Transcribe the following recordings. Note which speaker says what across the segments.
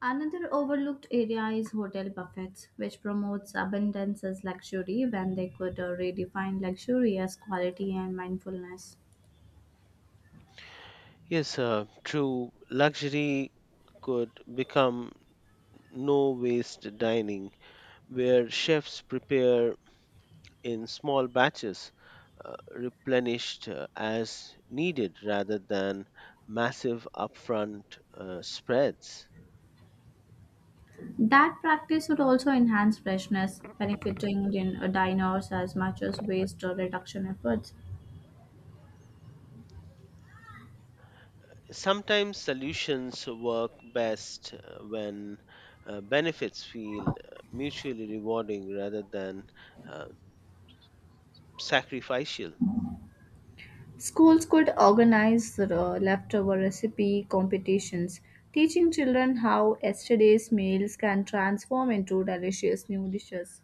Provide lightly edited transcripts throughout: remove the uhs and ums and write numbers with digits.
Speaker 1: Another overlooked area is hotel buffets, which promotes abundance as luxury when they could redefine luxury as quality and mindfulness.
Speaker 2: Yes, true. Luxury could become no waste dining, where chefs prepare in small batches, replenished as needed rather than massive upfront spreads.
Speaker 1: That practice would also enhance freshness, benefiting diners as much as waste or reduction efforts.
Speaker 2: Sometimes solutions work best when benefits feel mutually rewarding rather than uh, sacrificial.
Speaker 1: Schools could organize leftover recipe competitions, teaching children how yesterday's meals can transform into delicious new dishes.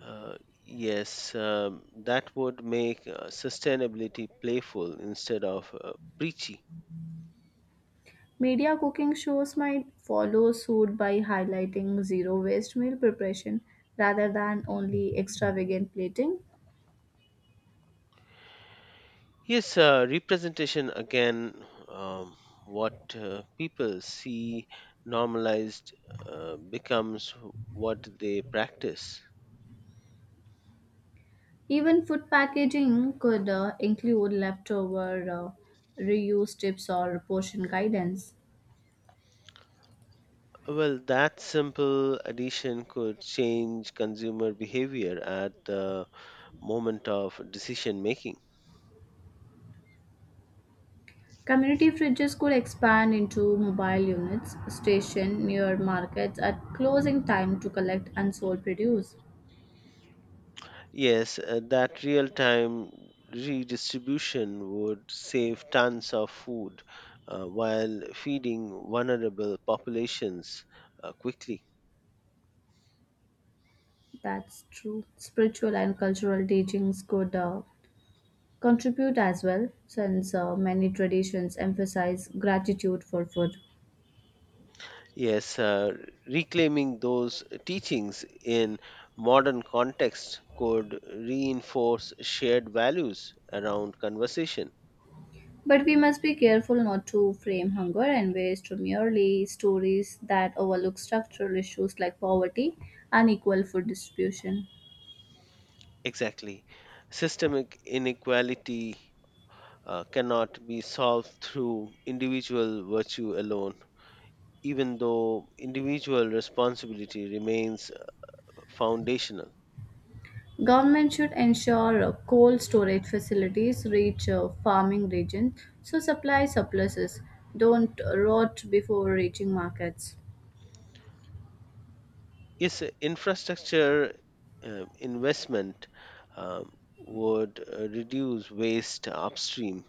Speaker 2: Uh, yes, that would make sustainability playful instead of preachy.
Speaker 1: Media cooking shows might follow suit by highlighting zero waste meal preparation rather than only extravagant plating.
Speaker 2: Yes, representation again. What people see normalized becomes what they practice.
Speaker 1: Even food packaging could include leftover reuse tips or portion guidance.
Speaker 2: Well, that simple addition could change consumer behavior at the moment of decision making.
Speaker 1: Community fridges could expand into mobile units stationed near markets at closing time to collect unsold produce.
Speaker 2: Yes, that real time redistribution would save tons of food while feeding vulnerable populations quickly.
Speaker 1: That's true. Spiritual and cultural teachings could contribute as well, since many traditions emphasize gratitude for food.
Speaker 2: Yes, reclaiming those teachings in modern context could reinforce shared values around conversation.
Speaker 1: But we must be careful not to frame hunger and waste to merely stories that overlook structural issues like poverty and equal food distribution.
Speaker 2: Exactly. Systemic inequality cannot be solved through individual virtue alone. Even though individual responsibility remains foundational.
Speaker 1: Government should ensure cold storage facilities reach farming regions so supply surpluses don't rot before reaching markets.
Speaker 2: Yes, infrastructure investment um, would reduce waste upstream,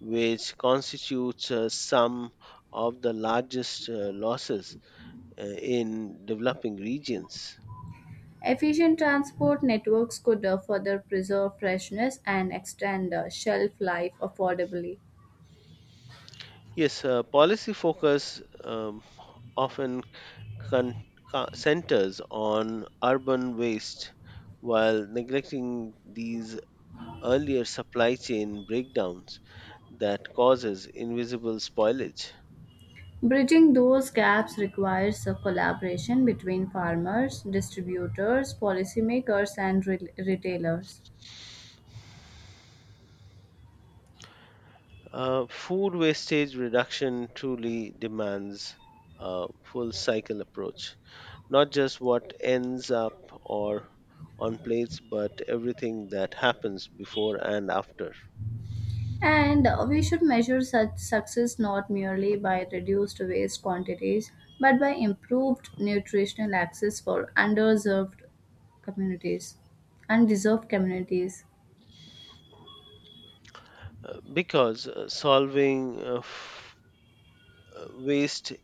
Speaker 2: which constitutes some of the largest losses in developing regions.
Speaker 1: Efficient transport networks could further preserve freshness and extend shelf life affordably.
Speaker 2: Yes, policy focus often con- centers on urban waste while neglecting these earlier supply chain breakdowns that causes invisible spoilage.
Speaker 1: Bridging those gaps requires a collaboration between farmers, distributors, policymakers, and retailers.
Speaker 2: Food wastage reduction truly demands a full cycle approach, not just what ends up or on plates, but everything that happens before and after.
Speaker 1: And We should measure such success not merely by reduced waste quantities, but by improved nutritional access for underserved communities, undeserved communities.
Speaker 2: Because solving waste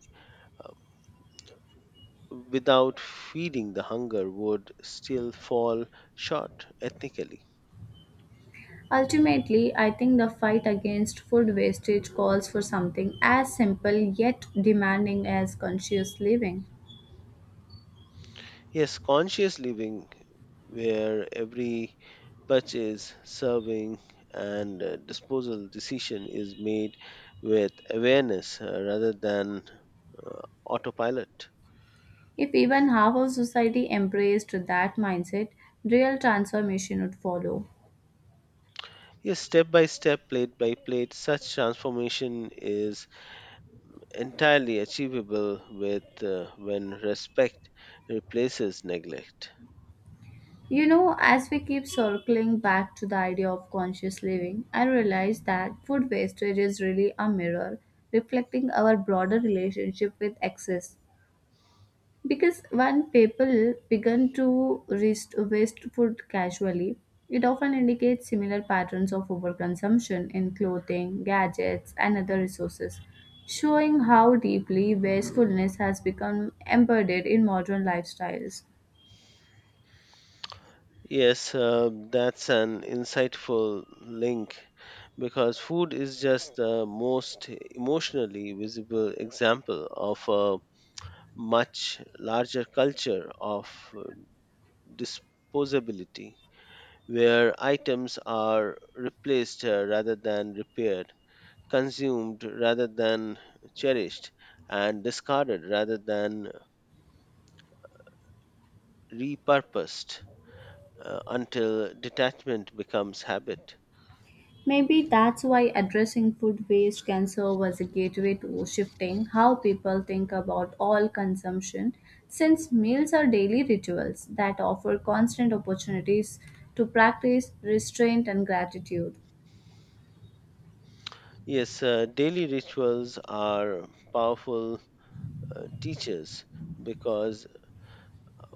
Speaker 2: without feeding the hunger would still fall short ethnically.
Speaker 1: Ultimately, I think the fight against food wastage calls for something as simple yet demanding as conscious living.
Speaker 2: Yes, conscious living, where every purchase, serving, and disposal decision is made with awareness rather than uh, autopilot.
Speaker 1: If even half of society embraced that mindset, real transformation would follow.
Speaker 2: Yes, step by step, plate by plate, such transformation is entirely achievable with when respect replaces neglect.
Speaker 1: You know, as we keep circling back to the idea of conscious living, I realize that food wastage is really a mirror reflecting our broader relationship with excess. Because when people begin to waste food casually, it often indicates similar patterns of overconsumption in clothing, gadgets, and other resources, showing how deeply wastefulness has become embedded in modern lifestyles.
Speaker 2: Yes, that's an insightful link because food is just the most emotionally visible example of a much larger culture of uh, disposability, where items are replaced rather than repaired, consumed rather than cherished, and discarded rather than repurposed until detachment becomes habit.
Speaker 1: Maybe that's why addressing food waste can serve as a gateway to shifting how people think about all consumption, since meals are daily rituals that offer constant opportunities to practice restraint and gratitude.
Speaker 2: Yes, daily rituals are powerful teachers, because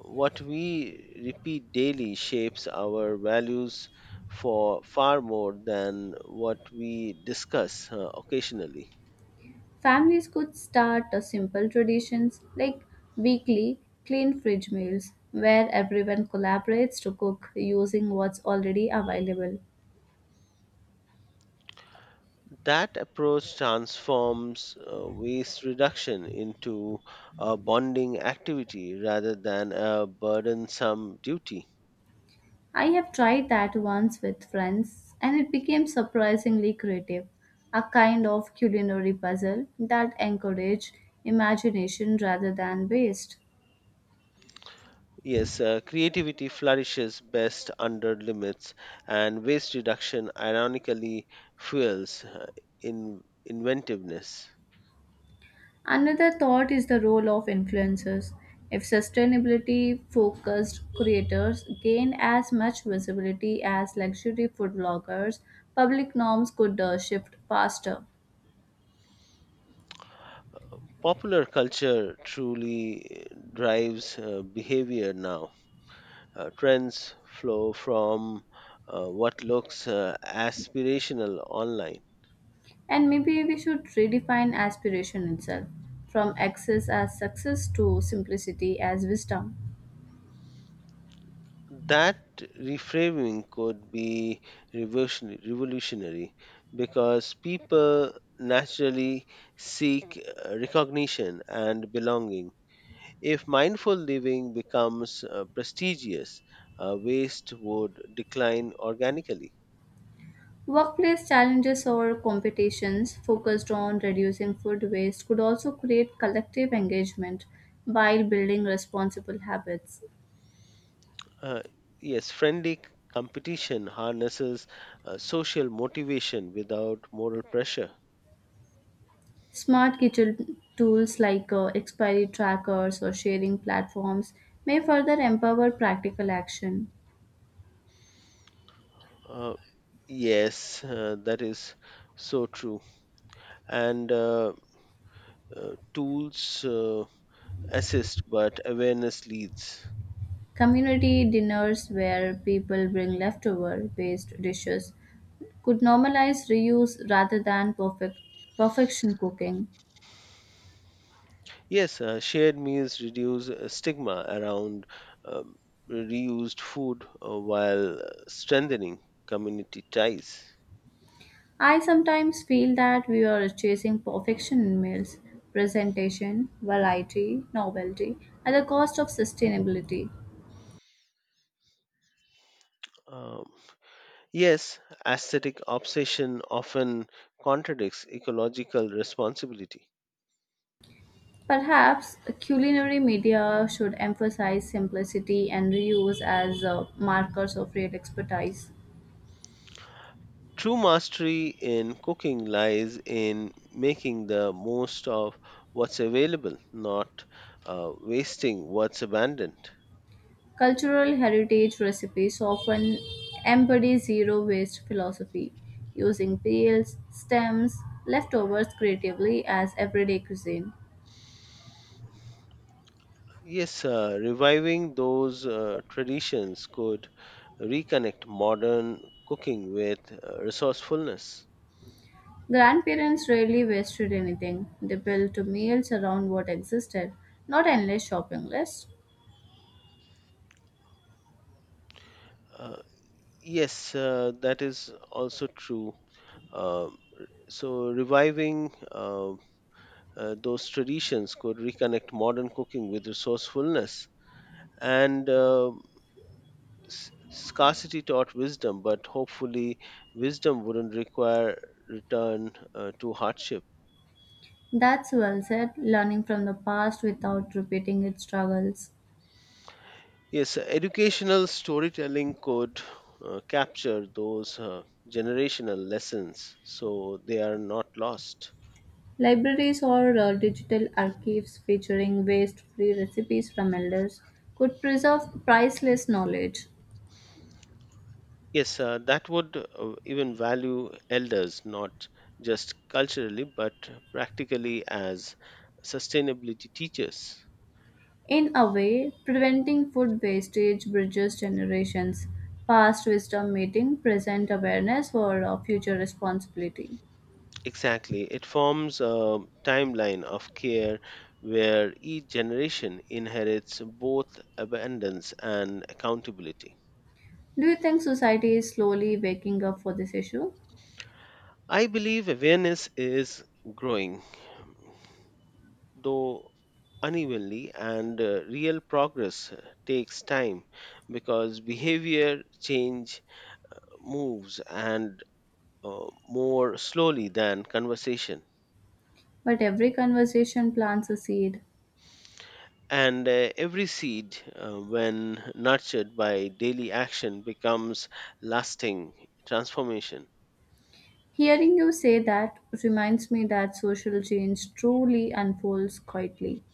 Speaker 2: what we repeat daily shapes our values for far more than what we discuss occasionally.
Speaker 1: Families could start a simple traditions like weekly clean fridge meals where everyone collaborates to cook using what's already available.
Speaker 2: That approach transforms waste reduction into a bonding activity rather than a burdensome duty.
Speaker 1: I have tried that once with friends, and it became surprisingly creative, a kind of culinary puzzle that encouraged imagination rather than waste.
Speaker 2: Yes, creativity flourishes best under limits, and waste reduction ironically fuels in inventiveness.
Speaker 1: Another thought is the role of influencers. If sustainability focused creators gain as much visibility as luxury food bloggers, public norms could shift faster.
Speaker 2: Popular culture truly drives behavior now. Trends flow from what looks aspirational online.
Speaker 1: And maybe we should redefine aspiration itself from excess as success to simplicity as wisdom.
Speaker 2: That reframing could be revolutionary because people naturally seek recognition and belonging. If mindful living becomes prestigious, waste would decline organically.
Speaker 1: Workplace challenges or competitions focused on reducing food waste could also create collective engagement while building responsible habits.
Speaker 2: Uh, yes, friendly competition harnesses social motivation without moral pressure.
Speaker 1: Smart kitchen tools like expiry trackers or sharing platforms may further empower practical action.
Speaker 2: Uh, yes, that is so true. And tools assist, but awareness leads.
Speaker 1: Community dinners where people bring leftover waste dishes could normalize reuse rather than perfection cooking.
Speaker 2: Yes, shared meals reduce stigma around um, reused food while strengthening community ties.
Speaker 1: I sometimes feel that we are chasing perfection in meals, presentation, variety, novelty, at the cost of sustainability.
Speaker 2: Um, yes, aesthetic obsession often contradicts ecological responsibility.
Speaker 1: Perhaps culinary media should emphasize simplicity and reuse as markers of real expertise.
Speaker 2: True mastery in cooking lies in making the most of what's available, not wasting what's abandoned.
Speaker 1: Cultural heritage recipes often embody zero waste philosophy, using peels, stems, leftovers creatively as everyday cuisine.
Speaker 2: Yes, reviving those traditions could reconnect modern cooking with resourcefulness.
Speaker 1: Grandparents rarely wasted anything. They built meals around what existed, not endless shopping lists.
Speaker 2: Uh, yes, that is also true. Um, so, reviving those traditions could reconnect modern cooking with resourcefulness, and scarcity taught wisdom, but hopefully, wisdom wouldn't require return to hardship.
Speaker 1: That's well said, learning from the past without repeating its struggles.
Speaker 2: Yes, educational storytelling could capture those generational lessons so they are not lost.
Speaker 1: Libraries or digital archives featuring waste free recipes from elders could preserve priceless knowledge.
Speaker 2: Yes, that would even value elders, not just culturally but practically, as sustainability teachers.
Speaker 1: In a way, preventing food wastage bridges generations, past wisdom meeting present awareness for future responsibility.
Speaker 2: Exactly, it forms a timeline of care where each generation inherits both abundance and accountability.
Speaker 1: Do you think society is slowly waking up for this issue?
Speaker 2: I believe awareness is growing though unevenly, and real progress takes time because behavior change moves and more slowly than conversation.
Speaker 1: But every conversation plants a seed.
Speaker 2: And every seed, when nurtured by daily action, becomes lasting transformation.
Speaker 1: Hearing you say that reminds me that social change truly unfolds quietly,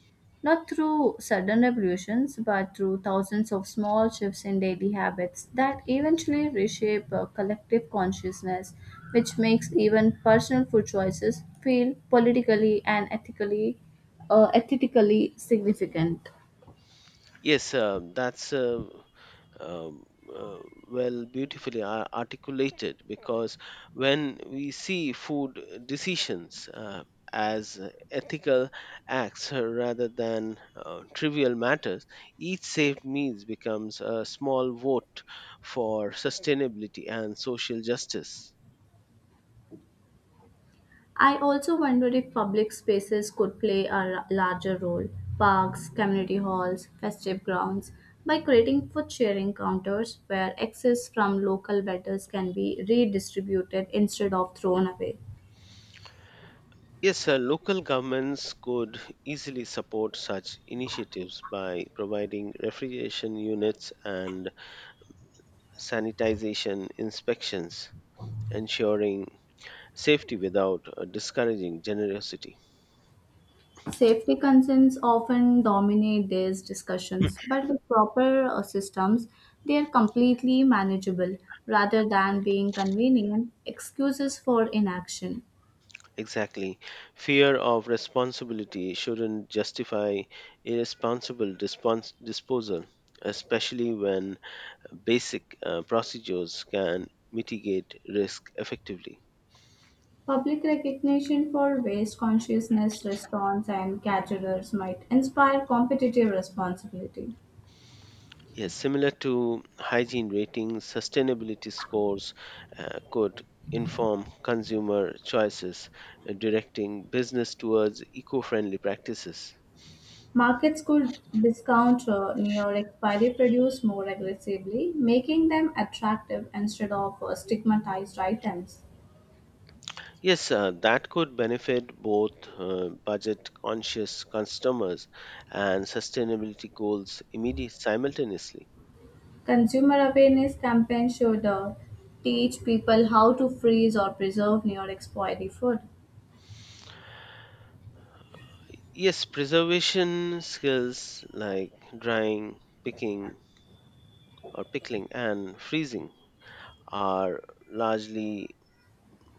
Speaker 1: not through sudden revolutions, but through thousands of small shifts in daily habits that eventually reshape a collective consciousness, which makes even personal food choices feel politically and ethically significant.
Speaker 2: Yes, that's um, uh, well beautifully articulated, because when we see food decisions as ethical acts rather than trivial matters, each saved meals becomes a small vote for sustainability and social justice.
Speaker 1: I also wonder if public spaces could play a larger role, parks, community halls, festive grounds, by creating food sharing counters where excess from local vendors can be redistributed instead of thrown away.
Speaker 2: Yes, local governments could easily support such initiatives by providing refrigeration units and sanitization inspections, ensuring safety without discouraging generosity.
Speaker 1: Safety concerns often dominate these discussions, but with proper systems, they are completely manageable rather than being convenient excuses for inaction.
Speaker 2: Exactly. Fear of responsibility shouldn't justify disposal, especially when basic procedures can mitigate risk effectively.
Speaker 1: Public recognition for waste consciousness restaurants and caterers might inspire competitive responsibility.
Speaker 2: Yes, similar to hygiene ratings, sustainability scores could inform consumer choices, directing business towards eco friendly practices.
Speaker 1: Markets could discount near expiry produce more aggressively, making them attractive instead of stigmatized items.
Speaker 2: Yes, that could benefit both budget conscious customers and sustainability goals immediately simultaneously.
Speaker 1: Consumer awareness campaigns should teach people how to freeze or preserve near expiry food.
Speaker 2: Yes, preservation skills like drying, picking or pickling and freezing are largely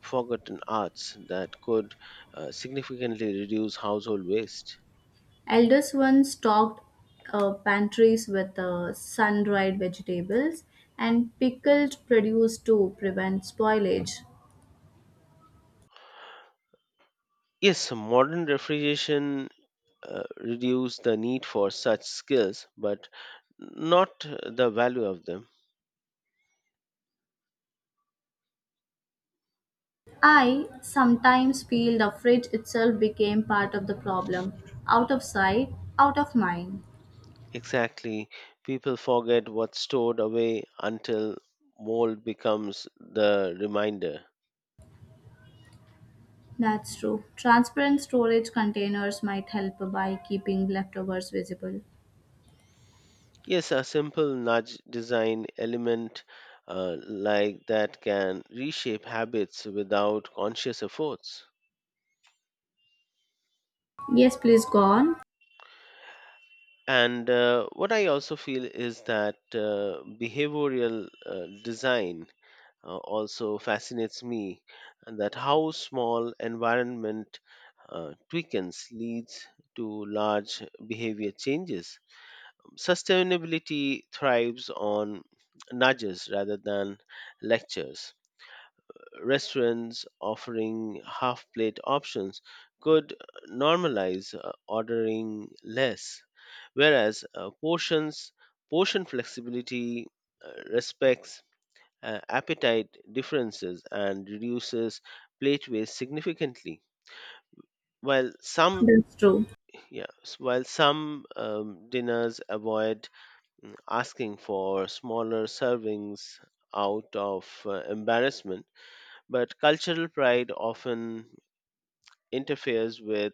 Speaker 2: forgotten arts that could significantly reduce household waste.
Speaker 1: Elders once stocked pantries with sun-dried vegetables and pickled produce to prevent spoilage.
Speaker 2: Yes, modern refrigeration reduce the need for such skills, but not the value of them.
Speaker 1: I sometimes feel the fridge itself became part of the problem. Out of sight, out of mind.
Speaker 2: Exactly. People forget what's stored away until mold becomes the reminder.
Speaker 1: That's true. Transparent storage containers might help by keeping leftovers visible.
Speaker 2: Yes, a simple nudge design element like that can reshape habits without conscious efforts.
Speaker 1: Yes, please go on.
Speaker 2: And what I also feel is that behavioral design also fascinates me, that how small environment tweakings leads to large behavior changes. Sustainability thrives on nudges rather than lectures. Restaurants offering half plate options could normalize ordering less, whereas portion flexibility respects appetite differences and reduces plate waste significantly. While some,
Speaker 1: That's true.
Speaker 2: yeah, while some dinners avoid asking for smaller servings out of embarrassment, but cultural pride often interferes with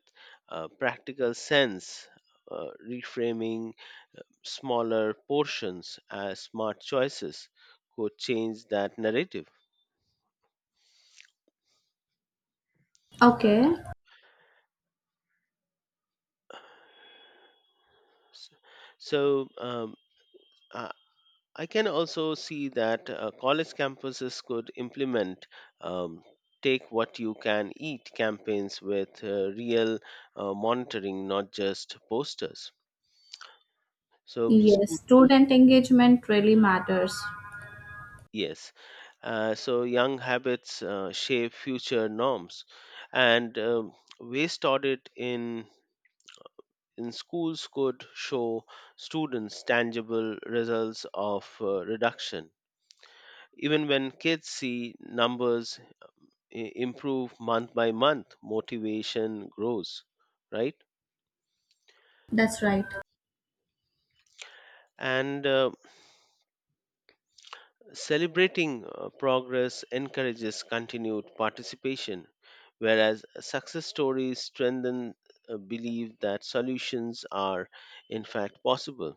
Speaker 2: practical sense. Reframing smaller portions as smart choices could change that narrative.
Speaker 1: Okay.
Speaker 2: S- So I I can also see that college campuses could implement um, take what you can eat campaigns with real monitoring, not just posters. So,
Speaker 1: Yes,
Speaker 2: stu-
Speaker 1: student engagement really matters.
Speaker 2: yes, so young habits shape future norms, and waste audit in schools could show students tangible results of reduction. Even when kids see numbers improve month by month, motivation grows, right?
Speaker 1: That's right.
Speaker 2: And celebrating progress encourages continued participation, whereas success stories strengthen a belief that solutions are in fact possible.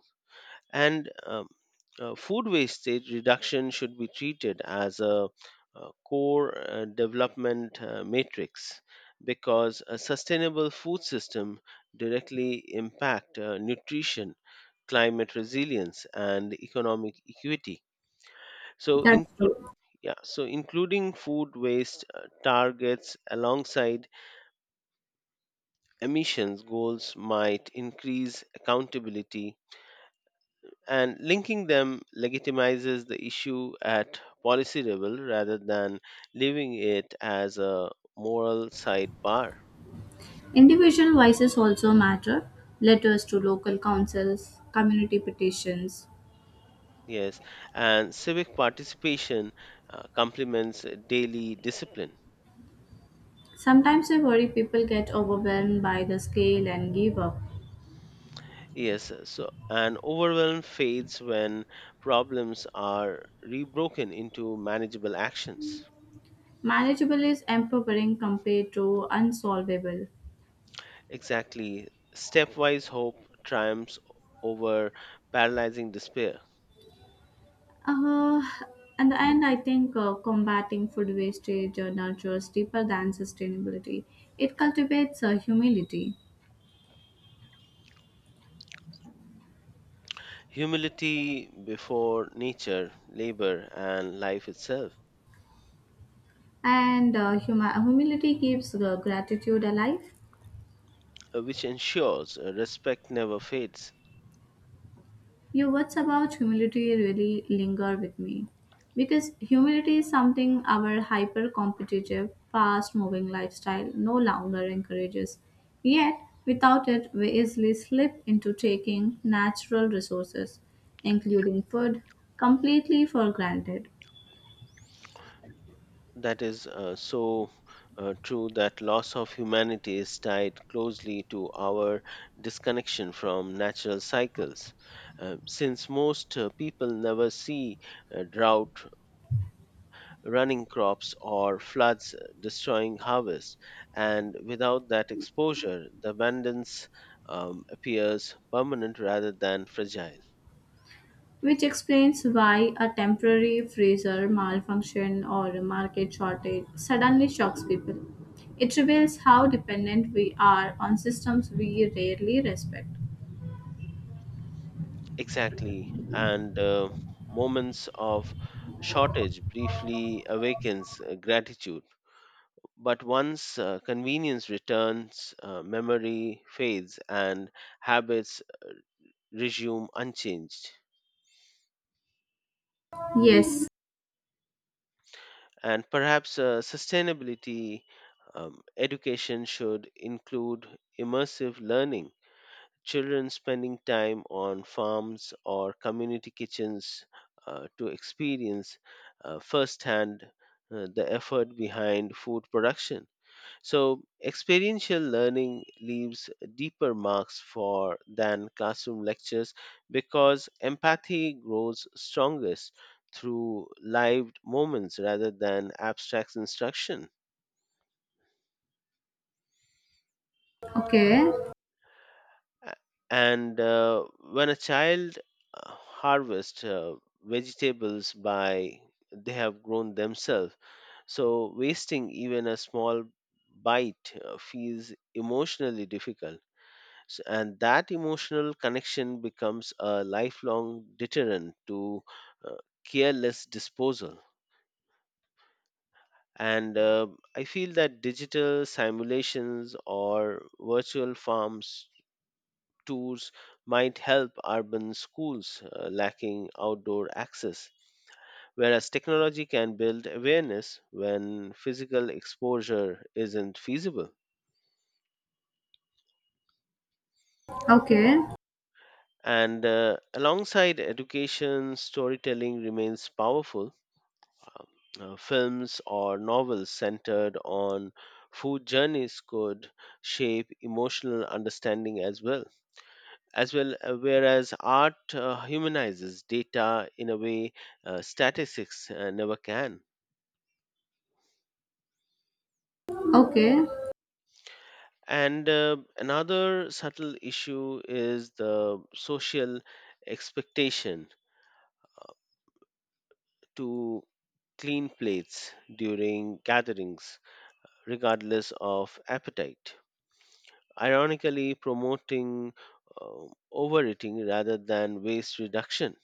Speaker 2: And food wastage reduction should be treated as a core development matrix, because a sustainable food system directly impact nutrition, climate resilience and economic equity. So
Speaker 1: That's
Speaker 2: include,
Speaker 1: true.
Speaker 2: yeah, so including food waste targets alongside emissions goals might increase accountability, and linking them legitimizes the issue at policy level rather than leaving it as a moral sidebar.
Speaker 1: Individual voices also matter. Letters to local councils, community petitions.
Speaker 2: Yes, and civic participation complements daily discipline.
Speaker 1: Sometimes I worry people get overwhelmed by the scale and give up.
Speaker 2: Yes, so an overwhelm fades when problems are rebroken into manageable actions.
Speaker 1: Manageable is empowering compared to unsolvable.
Speaker 2: Exactly, stepwise hope triumphs over paralyzing despair.
Speaker 1: Uh, in the end, I think combating food wastage nurtures deeper than sustainability. It cultivates humility,
Speaker 2: Humility before nature, labor, and life itself,
Speaker 1: and humility keeps gratitude alive.
Speaker 2: which ensures respect never fades.
Speaker 1: Your words about humility really linger with me because humility is something our hyper competitive, fast moving lifestyle no longer encourages. Yet, without it, we easily slip into taking natural resources, including food, completely for granted,
Speaker 2: That is so true, that loss of humanity is tied closely to our disconnection from natural cycles. Since most people never see drought, running crops or floods destroying harvest, and without that exposure, the abundance appears permanent rather than fragile.
Speaker 1: which explains why a temporary freezer malfunction or a market shortage suddenly shocks people. It reveals how dependent we are on systems we rarely respect.
Speaker 2: Exactly, and moments of shortage briefly awakens gratitude, but once convenience returns, memory fades, and habits resume unchanged.
Speaker 1: Yes,
Speaker 2: And perhaps sustainability education should include immersive learning, children spending time on farms or community kitchens to experience firsthand the effort behind food production. So experiential learning leaves deeper marks for than classroom lectures, because empathy grows strongest through live moments rather than abstract instruction.
Speaker 1: okay,
Speaker 2: A- And when a child harvests vegetables by they have grown themselves, so wasting even a small bite feels emotionally difficult. And that emotional connection becomes a lifelong deterrent to uh, careless disposal. And I feel that digital simulations or virtual farms tours might help urban schools lacking outdoor access, whereas technology can build awareness when physical exposure isn't feasible.
Speaker 1: okay,
Speaker 2: And alongside education, storytelling remains powerful. Films or novels centered on food journeys could shape emotional understanding as well, whereas art humanizes data in a way statistics never can.
Speaker 1: okay,
Speaker 2: And another subtle issue is the social expectation to clean plates during gatherings regardless of appetite, ironically promoting uh, overeating rather than waste reduction.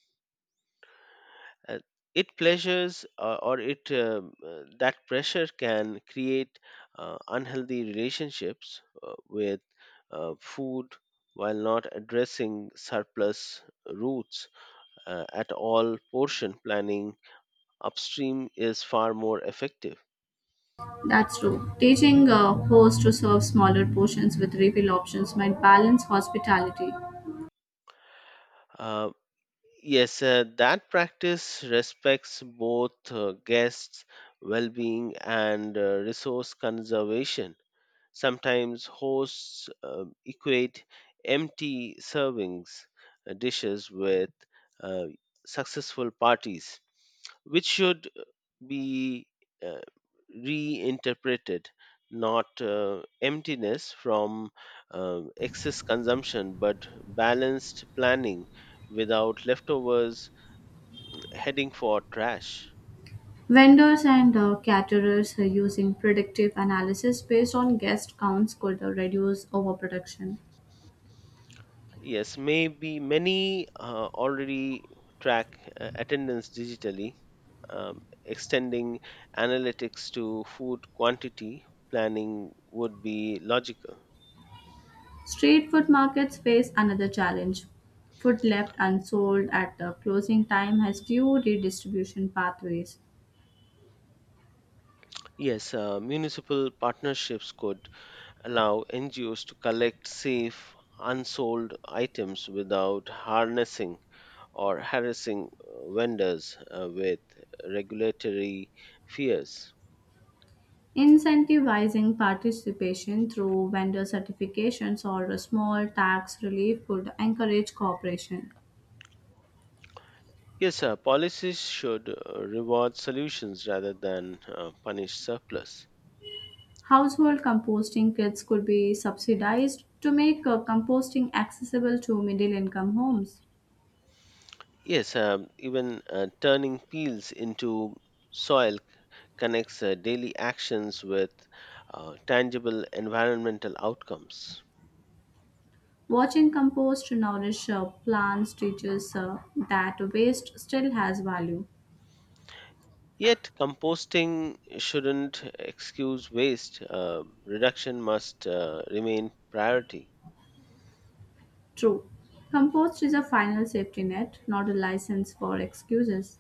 Speaker 2: Uh, it pleasures or it That pressure can create unhealthy relationships with food while not addressing surplus roots at all. Portion planning upstream is far more effective.
Speaker 1: that's true. Teaching a host to serve smaller portions with refill options might balance hospitality.
Speaker 2: Uh, Yes, that practice respects both guests' well being and resource conservation. Sometimes hosts equate empty servings dishes with uh, successful parties, which should be uh, reinterpreted, not emptiness from excess consumption but balanced planning without leftovers heading for trash.
Speaker 1: Vendors and caterers are using predictive analysis based on guest counts could reduce overproduction.
Speaker 2: Yes, maybe many already track attendance digitally. um, Extending analytics to food quantity planning would be logical.
Speaker 1: Street food markets face another challenge. Food left unsold at the closing time has few redistribution pathways.
Speaker 2: Yes, municipal partnerships could allow NGOs to collect safe, unsold items without harnessing or harassing vendors with regulatory fears.
Speaker 1: Incentivizing participation through vendor certifications or a small tax relief could encourage cooperation.
Speaker 2: Yes, sir, policies should reward solutions rather than punish surplus.
Speaker 1: Household composting kits could be subsidized to make composting accessible to middle income homes.
Speaker 2: Yes, even turning peels into soil connects daily actions with tangible environmental outcomes.
Speaker 1: Watching compost nourish plants teaches that waste still has value.
Speaker 2: Yet, composting shouldn't excuse waste. Reduction must remain priority.
Speaker 1: True. Compost is a final safety net, not a license for excuses.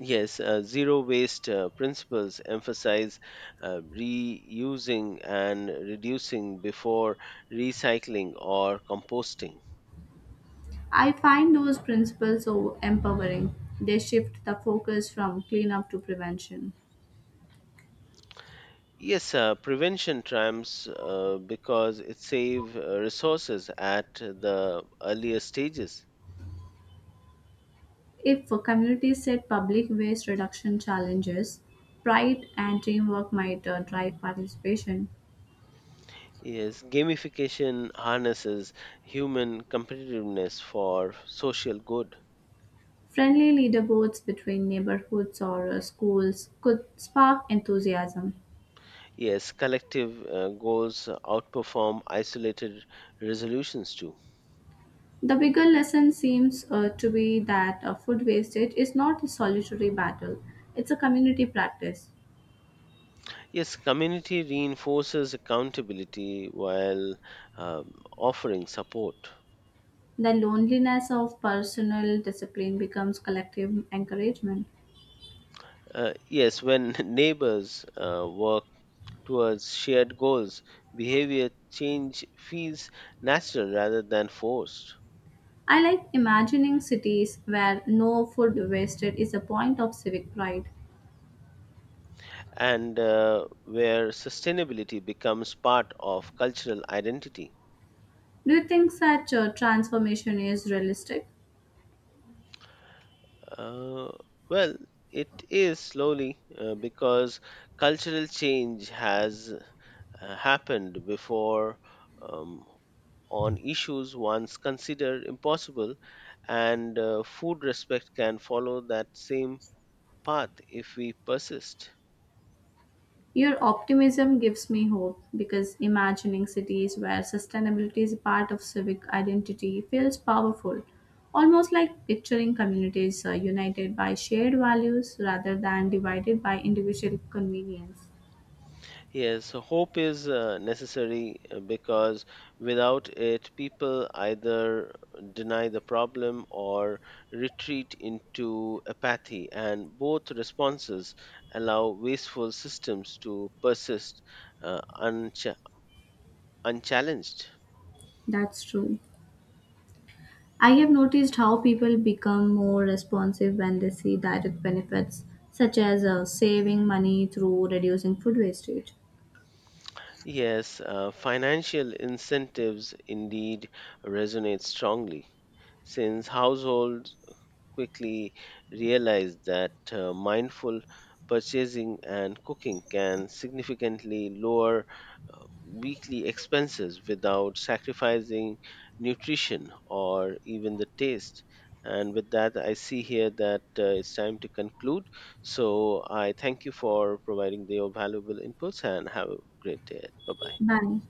Speaker 2: Yes, zero waste principles emphasize reusing and reducing before recycling or composting.
Speaker 1: I find those principles so empowering. They shift the focus from cleanup to prevention.
Speaker 2: Yes, prevention triumphs because it saves resources at the earlier stages.
Speaker 1: If communities set public waste reduction challenges, pride and teamwork might drive participation.
Speaker 2: Yes, gamification harnesses human competitiveness for social good.
Speaker 1: Friendly leaderboards between neighborhoods or schools could spark enthusiasm.
Speaker 2: Yes, collective goals outperform isolated resolutions too.
Speaker 1: The bigger lesson seems to be that food wastage is not a solitary battle, it's a community practice.
Speaker 2: Yes, community reinforces accountability while offering support.
Speaker 1: The loneliness of personal discipline becomes collective encouragement.
Speaker 2: Yes, when neighbors work towards shared goals, behavior change feels natural rather than forced.
Speaker 1: I like imagining cities where no food wasted is a point of civic pride.
Speaker 2: And where sustainability becomes part of cultural identity?
Speaker 1: Do you think such a transformation is realistic?
Speaker 2: Uh, well, it is slowly because cultural change has happened before um, on issues once considered impossible, and food respect can follow that same path if we persist.
Speaker 1: Your optimism gives me hope because imagining cities where sustainability is a part of civic identity feels powerful, almost like picturing communities united by shared values rather than divided by individual convenience.
Speaker 2: Yes, so hope is necessary because without it, people either deny the problem or retreat into apathy, and both responses allow wasteful systems to persist uh, unch- unchallenged.
Speaker 1: That's true. I have noticed how people become more responsive when they see direct benefits, such as saving money through reducing food wastage.
Speaker 2: Yes, financial incentives indeed resonate strongly, since households quickly realized that mindful purchasing and cooking can significantly lower weekly expenses without sacrificing nutrition or even the taste. And with that, I see here that it's time to conclude. So I thank you for providing your valuable inputs and have a great day. Bye bye.
Speaker 1: Bye.